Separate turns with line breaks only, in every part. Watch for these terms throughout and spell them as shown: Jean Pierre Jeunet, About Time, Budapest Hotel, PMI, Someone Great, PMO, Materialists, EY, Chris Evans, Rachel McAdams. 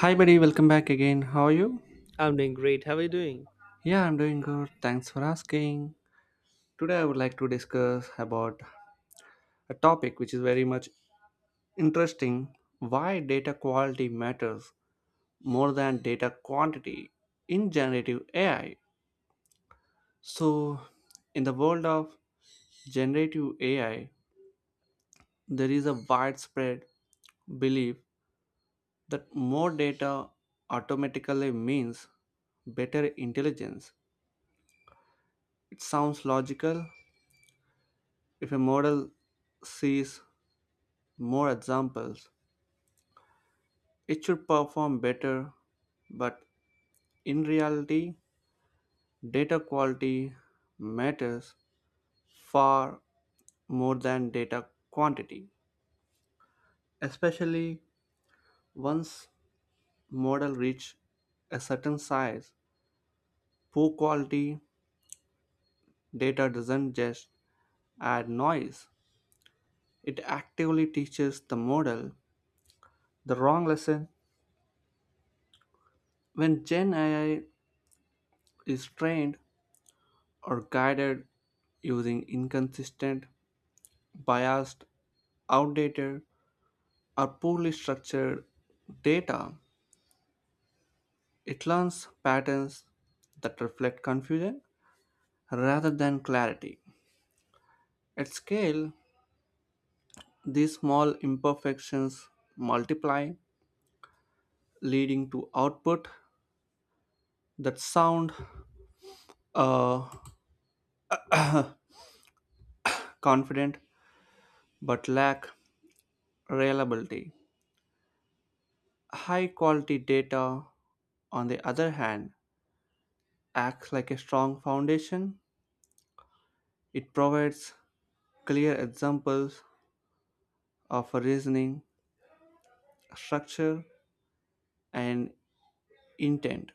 Hi, buddy. Welcome back again. How are you?
I'm doing great. How are you doing?
Yeah, I'm doing good. Thanks for asking. Today, I would like to discuss about a topic which is very much interesting, why data quality matters more than data quantity in generative AI. So, in the world of generative AI, there is a widespread belief that more data automatically means better intelligence. It sounds logical. If a model sees more examples, it should perform better, but in reality, data quality matters far more than data quantity, especially once model reach a certain size. Poor quality data doesn't just add noise, it actively teaches the model the wrong lesson. When Gen AI is trained or guided using inconsistent, biased, outdated, or poorly structured data, it learns patterns that reflect confusion rather than clarity. At scale, these small imperfections multiply, leading to output that sound uh, confident but lack reliability. High quality data, on the other hand, acts like a strong foundation. It provides clear examples of reasoning, structure, and intent.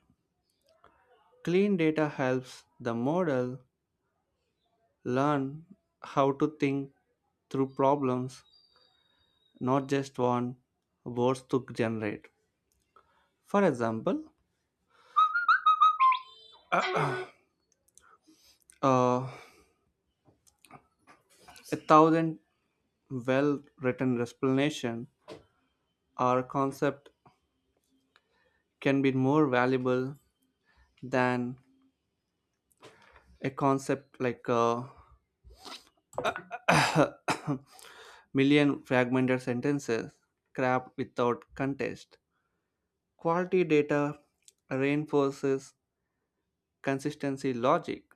Clean data helps the model learn how to think through problems, not just one words to generate. For example, uh, a thousand well-written explanation or concept can be more valuable than a concept like million fragmented sentences, scrapped without contest. Quality data reinforces consistency logic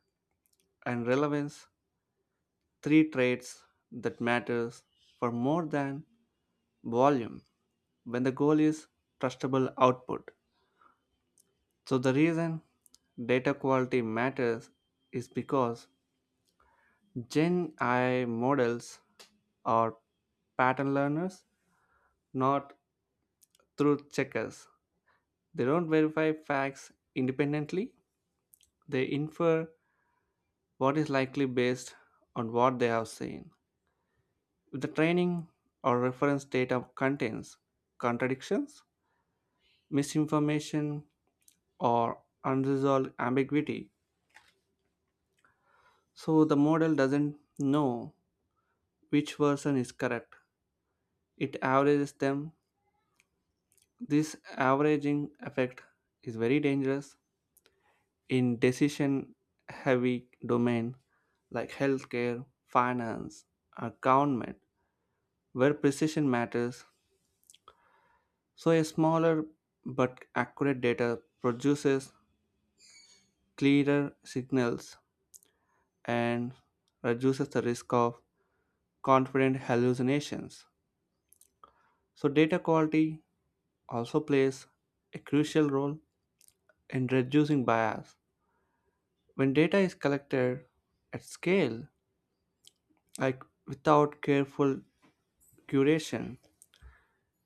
and relevance, three traits that matters for more than volume when the goal is trustable output. So the reason data quality matters is because Gen I models are pattern learners, not truth checkers. They don't verify facts independently, they infer what is likely based on what they have seen. If the training or reference data contains contradictions, misinformation, or unresolved ambiguity, so the model doesn't know which version is correct. It averages them. This averaging effect is very dangerous in decision heavy domain like healthcare, finance, or government where precision matters. So a smaller but accurate data produces clearer signals and reduces the risk of confident hallucinations. So data quality also plays a crucial role in reducing bias. When data is collected at scale, like without careful curation,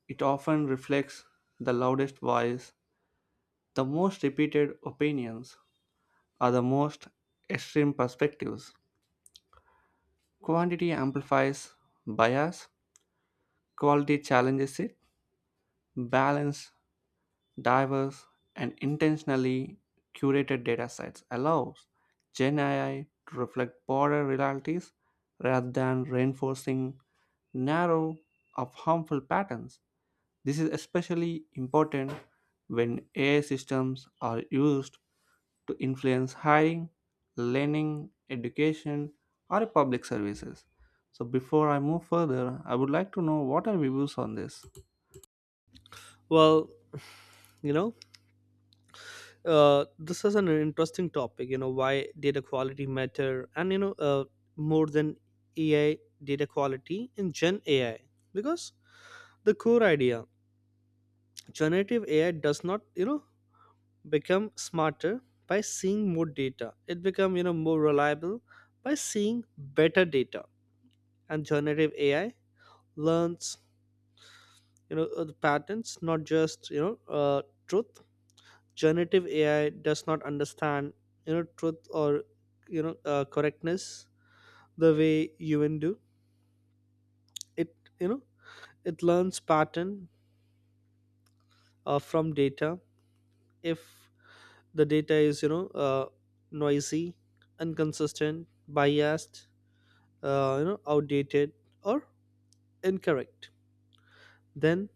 it often reflects the loudest voice, the most repeated opinions, or the most extreme perspectives. Quantity amplifies bias, quality challenges it. Balanced, diverse, and intentionally curated data sets allows Gen AI to reflect broader realities rather than reinforcing narrow of harmful patterns. This is especially important when AI systems are used to influence hiring, learning, education, or public services. So, before I move further, I would like to know what are your views on this?
Well, you know, this is an interesting topic. Why data quality matter, and more than AI data quality in Gen AI, because the core idea, generative AI does not, become smarter by seeing more data. It become more reliable by seeing better data, and generative AI learns, the patterns, not just truth. Generative AI does not understand, truth, or, correctness the way human do it you know it learns pattern, from data. If the data is, noisy, inconsistent, biased, outdated, or incorrect, then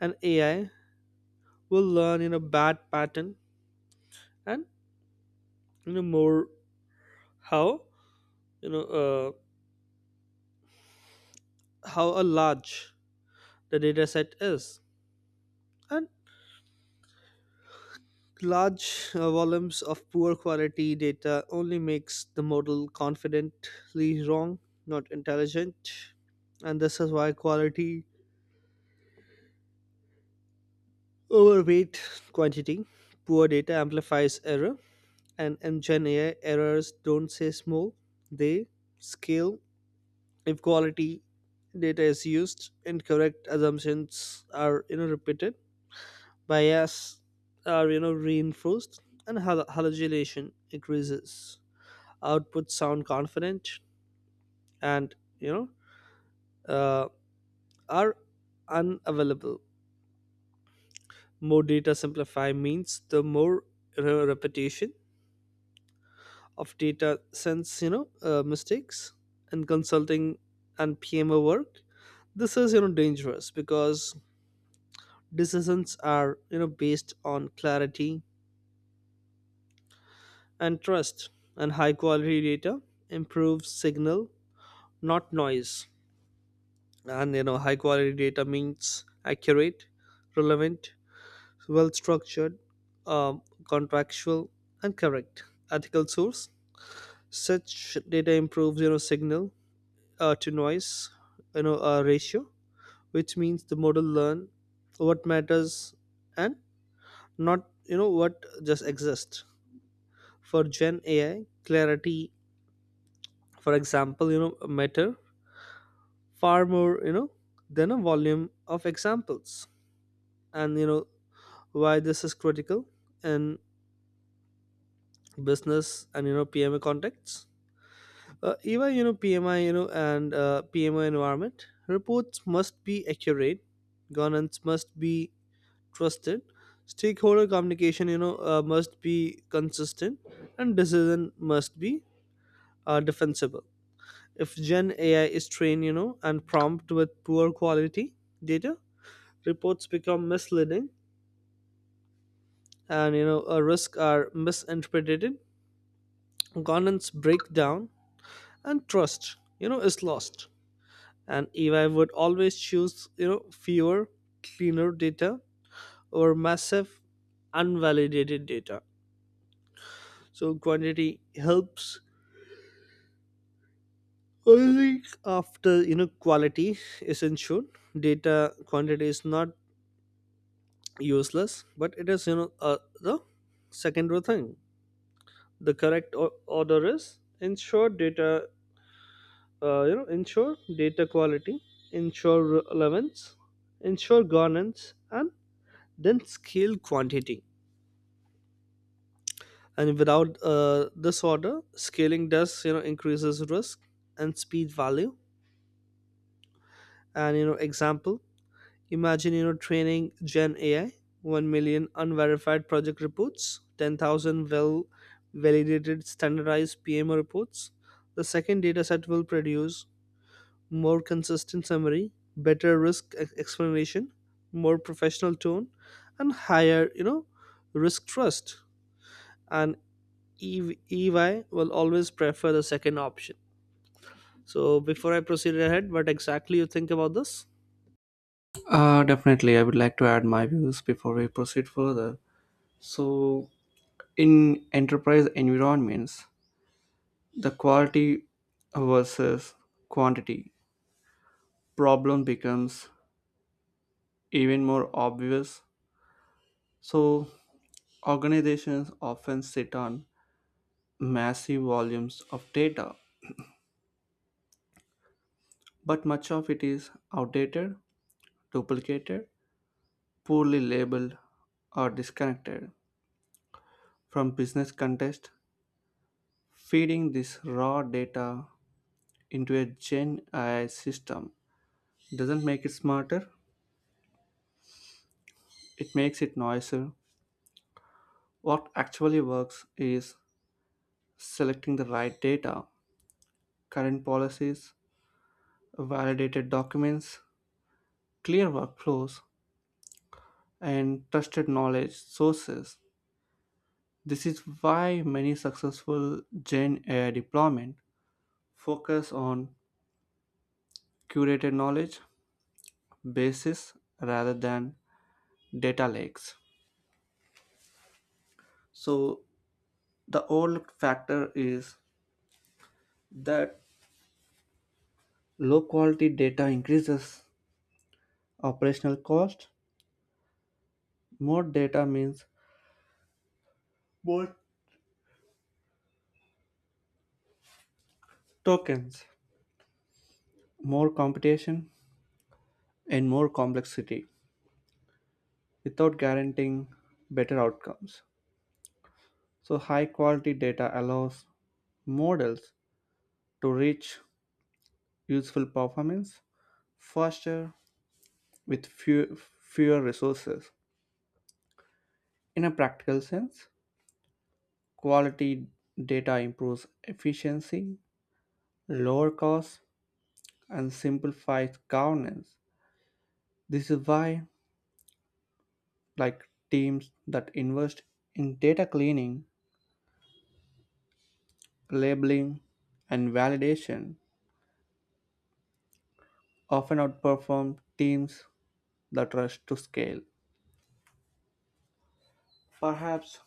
an AI will learn in a bad pattern, and, more, how, you know uh, how a large the data set is. And large, volumes of poor quality data only makes the model confidently wrong, not intelligent. And this is why quality overweight quantity. Poor data amplifies error, and in Gen AI, errors don't say small, they scale. If quality data is used, incorrect assumptions are repeated, bias are reinforced, and hallucination increases. Outputs sound confident and, uh, are unavailable. More data simplify means the more repetition of data sense, mistakes in consulting and PMO work. This is, dangerous because decisions are, based on clarity and trust, and high quality data improves signal, not noise. And, high quality data means accurate, relevant, well structured, um, contractual, and correct. Ethical source. Such data improves, signal, to noise, ratio, which means the model learn what matters, and not, what just exists. For Gen AI, clarity, for example, matter far more, than a volume of examples. And, why this is critical in business and, PMA contexts. Even PMI, and PMI environment reports must be accurate. Governance must be trusted. Stakeholder communication, must be consistent, and decision must be, defensible. If Gen AI is trained, and prompt with poor quality data, reports become misleading, and, risks are misinterpreted. Governance breakdown, and trust, is lost. And if I would always choose, fewer cleaner data over massive unvalidated data, so quantity helps, I think, after quality is ensured. Data quantity is not useless, but it is, the secondary thing. The correct order is ensure data, ensure data quality, ensure relevance, ensure governance, and then scale quantity. And without, this order, scaling does, increases risk and speed value. And, example, imagine, training Gen AI 1 million unverified project reports, 10,000 well validated standardized PMO reports. The second dataset will produce more consistent summary, better risk explanation, more professional tone, and higher, risk trust, and EY will always prefer the second option. So before I proceed ahead, what exactly you think about this?
Definitely, I would like to add my views before we proceed further. So, in enterprise environments, the quality versus quantity problem becomes even more obvious. So, organizations often sit on massive volumes of data, but much of it is outdated, duplicated, poorly labeled, or disconnected from business context. Feeding this raw data into a Gen AI system doesn't make it smarter, it makes it noisier. What actually works is selecting the right data, current policies, validated documents, clear workflows, and trusted knowledge sources. This is why many successful Gen AI deployment focus on curated knowledge bases rather than data lakes. So the overlooked factor is that low quality data increases operational cost. More data means more tokens, more computation, and more complexity without guaranteeing better outcomes. So high quality data allows models to reach useful performance faster with fewer resources. In a practical sense, quality data improves efficiency, lower costs, and simplifies governance. This is why like teams that invest in data cleaning, labeling, and validation often outperform teams that rush to scale. Perhaps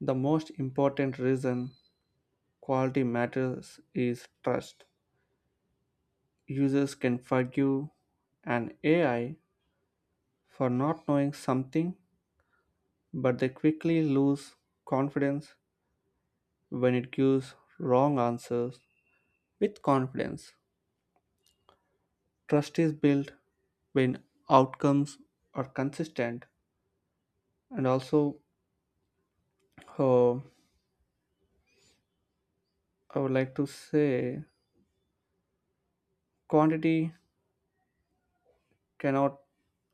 the most important reason quality matters is trust. Users can forgive an AI for not knowing something, but they quickly lose confidence when it gives wrong answers. With confidence, trust is built when outcomes are consistent. And also, uh, I would like to say quantity cannot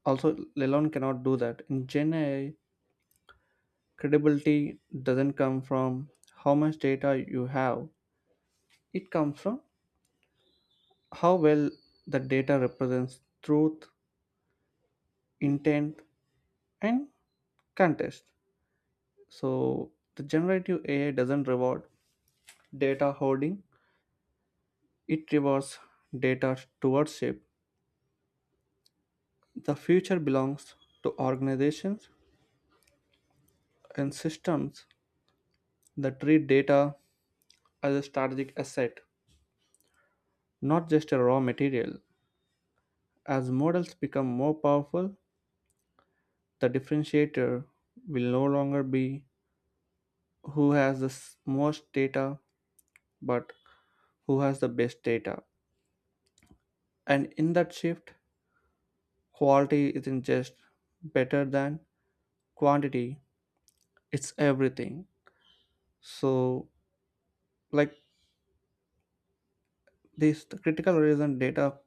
also alone cannot do that. In Gen AI, credibility doesn't come from how much data you have, it comes from how well the data represents truth, intent, and context. So, the generative AI doesn't reward data hoarding, it rewards data stewardship. The future belongs to organizations and systems that treat data as a strategic asset, not just a raw material. As models become more powerful, the differentiator will no longer be who has the most data, but who has the best data. And in that shift, quality isn't just better than quantity, it's everything. So, like this, the critical reason data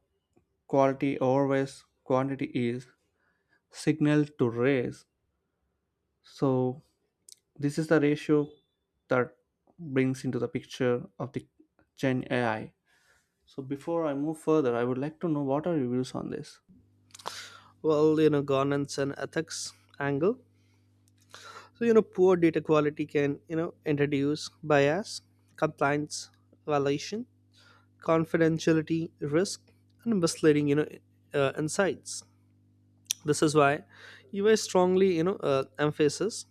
quality always quantity is signal to raise. So, this is the ratio that brings into the picture of the Gen AI. So before I move further, I would like to know what are your views on this?
Well, governance and ethics angle. So, poor data quality can introduce bias, compliance violation, confidentiality risk, and misleading, insights. This is why EY strongly, emphasis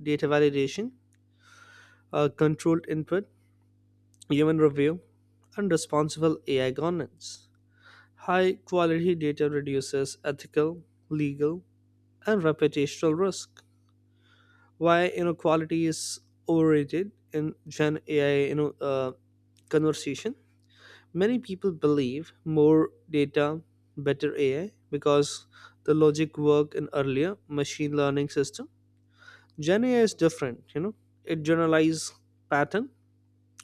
data validation, controlled input, human review, and responsible AI governance. High quality data reduces ethical, legal, and reputational risk. Why inequality is overrated in Gen AI, conversation? Many people believe more data, better AI, because the logic worked in earlier machine learning system. Gen AI is different. It generalizes pattern,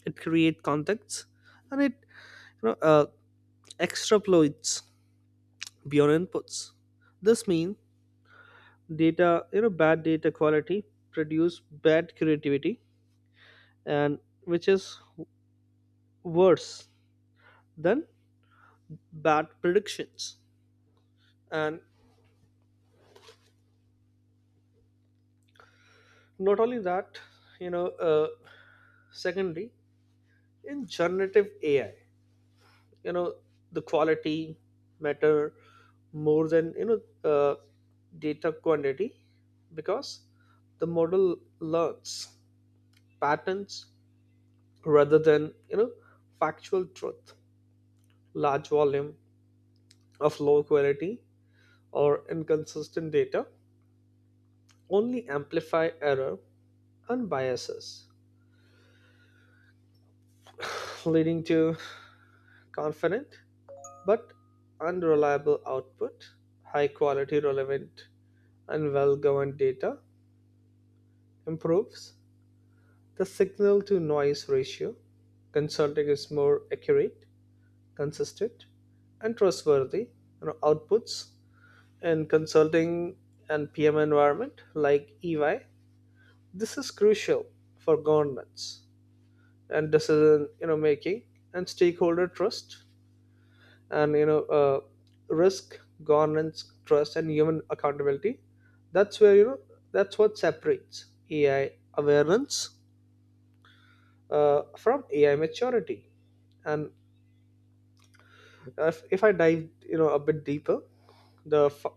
it creates contexts, and it, you know, uh, extrapolates beyond inputs. This means data, bad data quality produce bad creativity, and which is worse than bad predictions. And not only that, you know uh, secondly, in generative AI, you know the quality matter more than, uh, data quantity, because the model learns patterns rather than, factual truth. Large volume of low quality or inconsistent data only amplify error and biases, leading to confident but unreliable output. High quality, relevant, and well governed data improves the signal to noise ratio. Consulting is more accurate, consistent, and trustworthy, outputs in consulting and PM environment like EY. This is crucial for governments and decision, making, and stakeholder trust, and, risk governance trust, and human accountability. That's where, that's what separates AI awareness, from AI maturity. And if I dive, a bit deeper, the fu-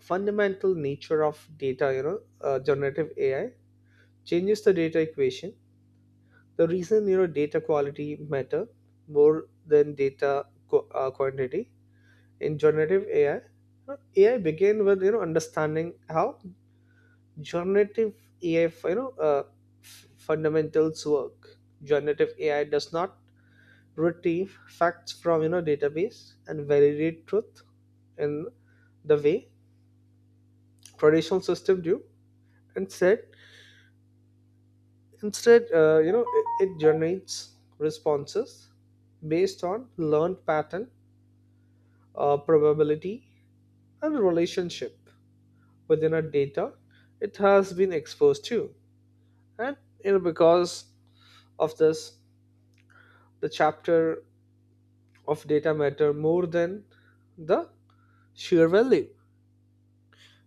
fundamental nature of data, generative AI, changes the data equation. The reason, data quality matter more than data quantity in generative AI. uh, AI began with, understanding how generative AI, you know uh, fundamentals work. Generative AI does not retrieve facts from, database and validate truth in the way traditional system do. Instead instead it generates responses based on learned pattern, probability, and relationship within a data it has been exposed to. And, because of this, the chapter of data matter more than the sheer value.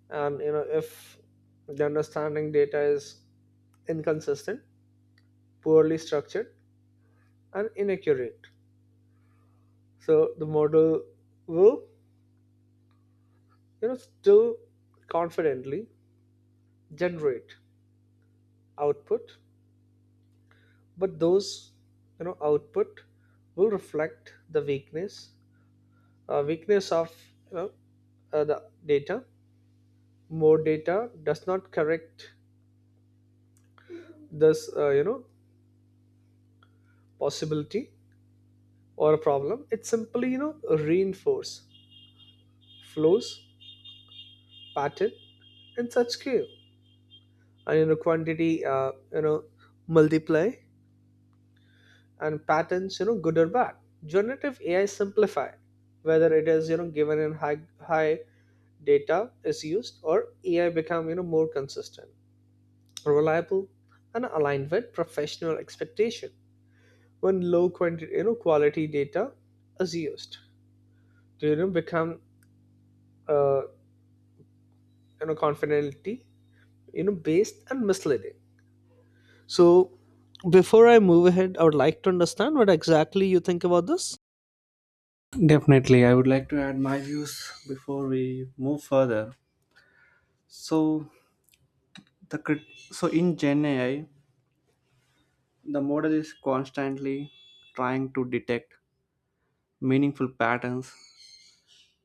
And, if the understanding data is inconsistent, poorly structured, and inaccurate, so the model will, still confidently generate output, but those, output will reflect the weakness of, you know the data. More data does not correct this, possibility or a problem. It simply, reinforce flows pattern and such scale, and, quantity, multiply, and patterns, good or bad, generative AI simplify. Whether it is, given in high data is used, or AI become, more consistent, reliable, and aligned with professional expectation. When low quantity, quality data is used to, become, uh, confidently, based and misleading. So before I move ahead, I would like to understand what exactly you think about this.
Definitely, I would like to add my views before we move further. So the crit- so in Gen AI, the model is constantly trying to detect meaningful patterns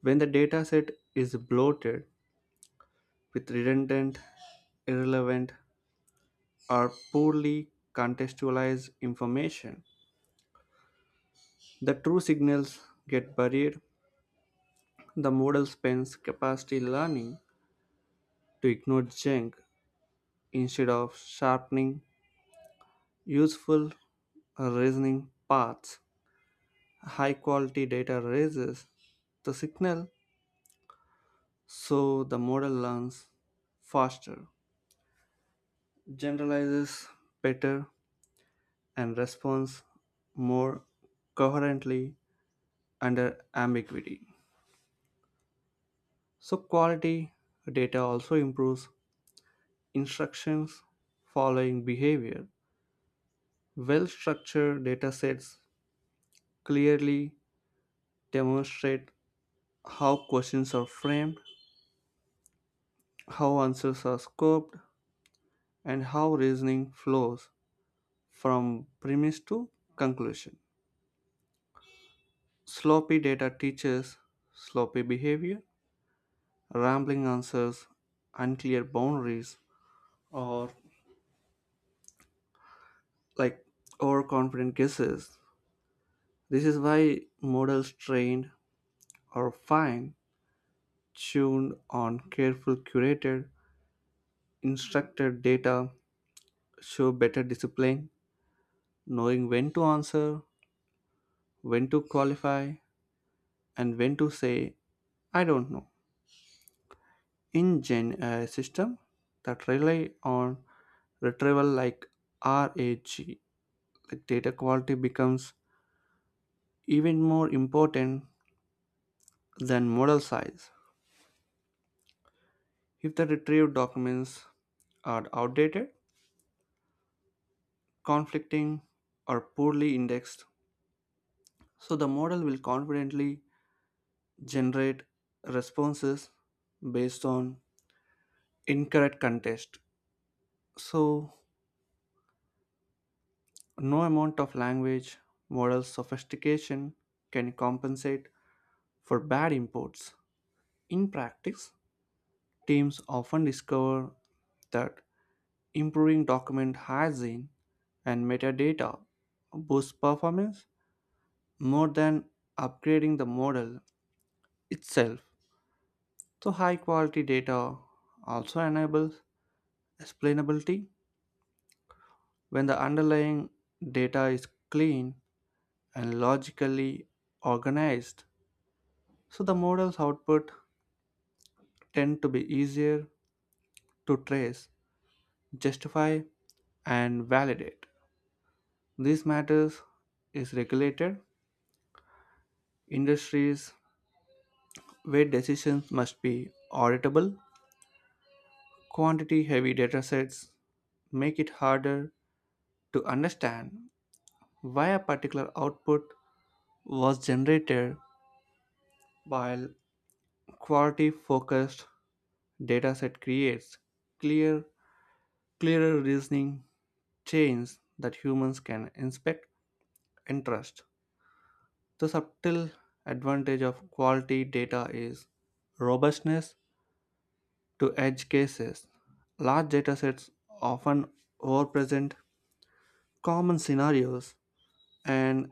when the dataset is bloated with redundant, irrelevant, or poorly contextualized information. The true signals get buried. The model spends capacity learning to ignore junk instead of sharpening useful reasoning paths. High quality data raises the signal so the model learns faster, generalizes better, and responds more coherently under ambiguity. So, quality data also improves instructions following behavior. Well structured datasets clearly demonstrate how questions are framed, how answers are scoped, and how reasoning flows from premise to conclusion. Sloppy data teaches sloppy behavior, rambling answers, unclear boundaries, or like overconfident guesses. This is why models trained are fine tuned on careful curated instructed data show better discipline, knowing when to answer, when to qualify, and when to say I don't know. In Gen AI system that rely on retrieval like RAG, like data quality becomes even more important than model size. If the retrieved documents are outdated, conflicting, or poorly indexed, so the model will confidently generate responses based on incorrect context. So no amount of language, model sophistication can compensate for bad imports. In practice, teams often discover that improving document hygiene and metadata boosts performance more than upgrading the model itself. So, high quality data also enables explainability when the underlying data is clean and logically organized. So, the model's output tend to be easier to trace, justify, and validate. These matters is regulated industries where decisions must be auditable. Quantity heavy datasets make it harder to understand why a particular output was generated, while quality focused dataset creates clear, clearer reasoning chains that humans can inspect and trust. The subtle advantage of quality data is robustness to edge cases. Large datasets often overpresent common scenarios and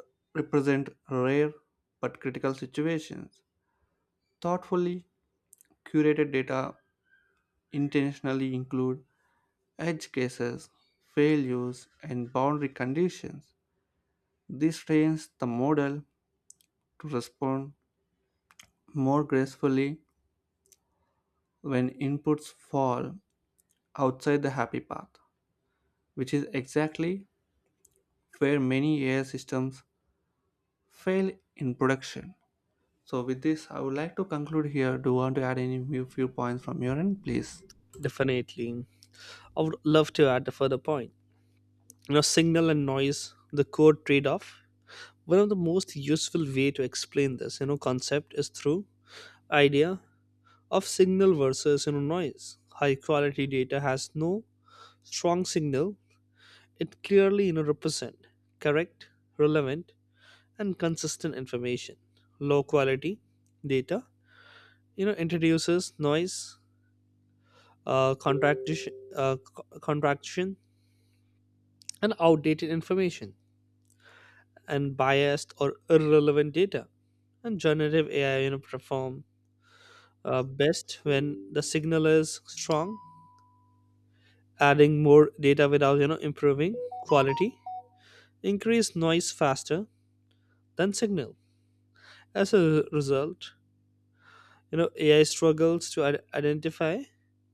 underrepresent rare but critical situations. Thoughtfully curated data intentionally include edge cases, failures, and boundary conditions. This trains the model to respond more gracefully when inputs fall outside the happy path, which is exactly where many AI systems fail in production. So, with this, I would like to conclude here. Do you want to add any few points from your end, please?
Definitely, I would love to add a further point. Signal and noise, the core trade-off. One of the most useful way to explain this, concept is through idea of signal versus, noise. High quality data has no strong signal. It clearly, represent correct, relevant, and consistent information. Low quality data, introduces noise, contradiction, contradiction, and outdated information, and biased or irrelevant data. And generative AI, perform, best when the signal is strong. Adding more data without, improving quality, increase noise faster than signal. As a result, AI struggles to identify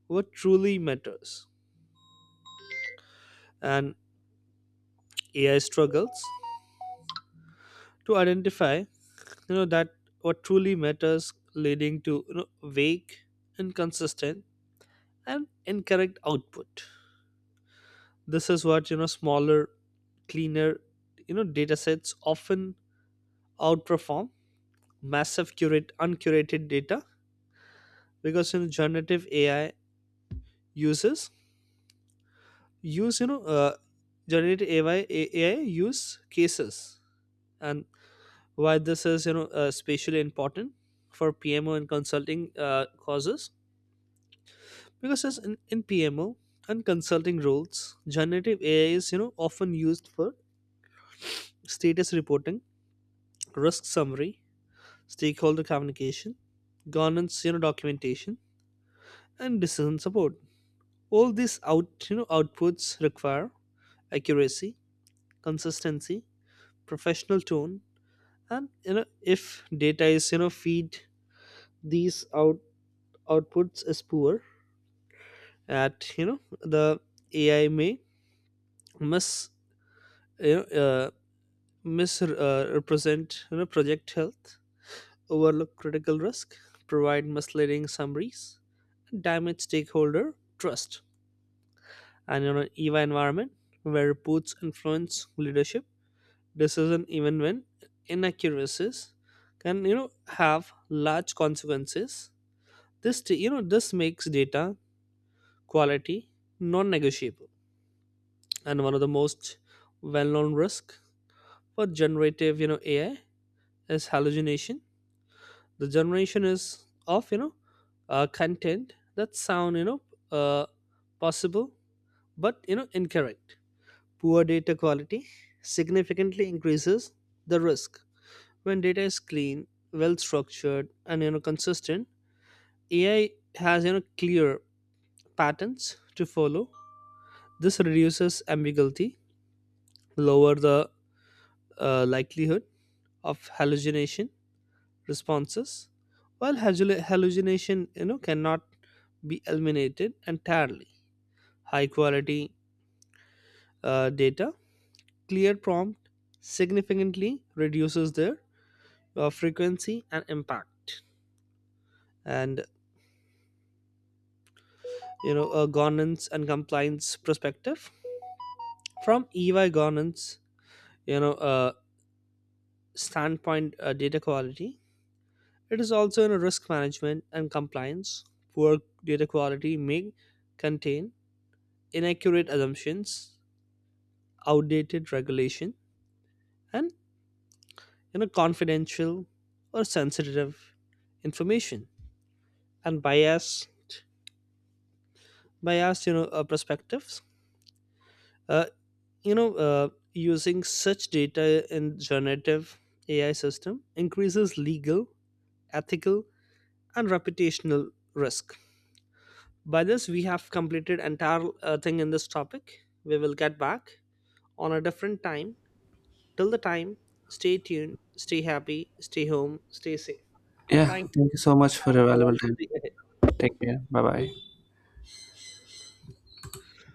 what truly matters, and AI struggles to identify, that what truly matters, leading to, vague, inconsistent, and incorrect output. This is what, smaller, cleaner, data sets often outperform massive curate uncurated data. Because, generative AI uses use, generative AI, AI use cases. And why this is, especially important for PMO and consulting, causes, because as in PMO and consulting roles, generative AI is, often used for status reporting, risk summary, stakeholder communication, governance, documentation, and decision support. All these outputs require accuracy, consistency, professional tone, and, if data is, feed these outputs, is poor at, the AI may miss, you know, uh, misrepresent, project health, overlook critical risk, provide misleading summaries, damage stakeholder trust, and, eva environment where reports influence leadership decision, even when inaccuracies can, have large consequences. This t- you know this makes data quality non-negotiable. And one of the most well-known risk for generative, AI is hallucination. The generation is of, content that sound, uh, possible but, incorrect. Poor data quality significantly increases the risk. When data is clean, well structured, and, consistent, AI has, clear patterns to follow. This reduces ambiguity, lower the, likelihood of hallucination responses, while hallucination, cannot be eliminated entirely. High quality, data, clear prompt significantly reduces their, frequency and impact. And, a governance and compliance perspective, from EY governance, you know uh, standpoint, data quality, it is also in risk management and compliance. Poor data quality may contain inaccurate assumptions, outdated regulation, and, confidential or sensitive information, and bias, perspectives, uh, you know uh, using such data in generative AI system increases legal, ethical, and reputational risk. By this we have completed entire, thing in this topic. We will get back on a different time. Till the time, stay tuned, stay happy, stay home, stay safe.
Yeah,
Thank you,
thank you so
and
much for
have
your
a
valuable
wonderful
time.
day ahead.
Take care. Bye bye.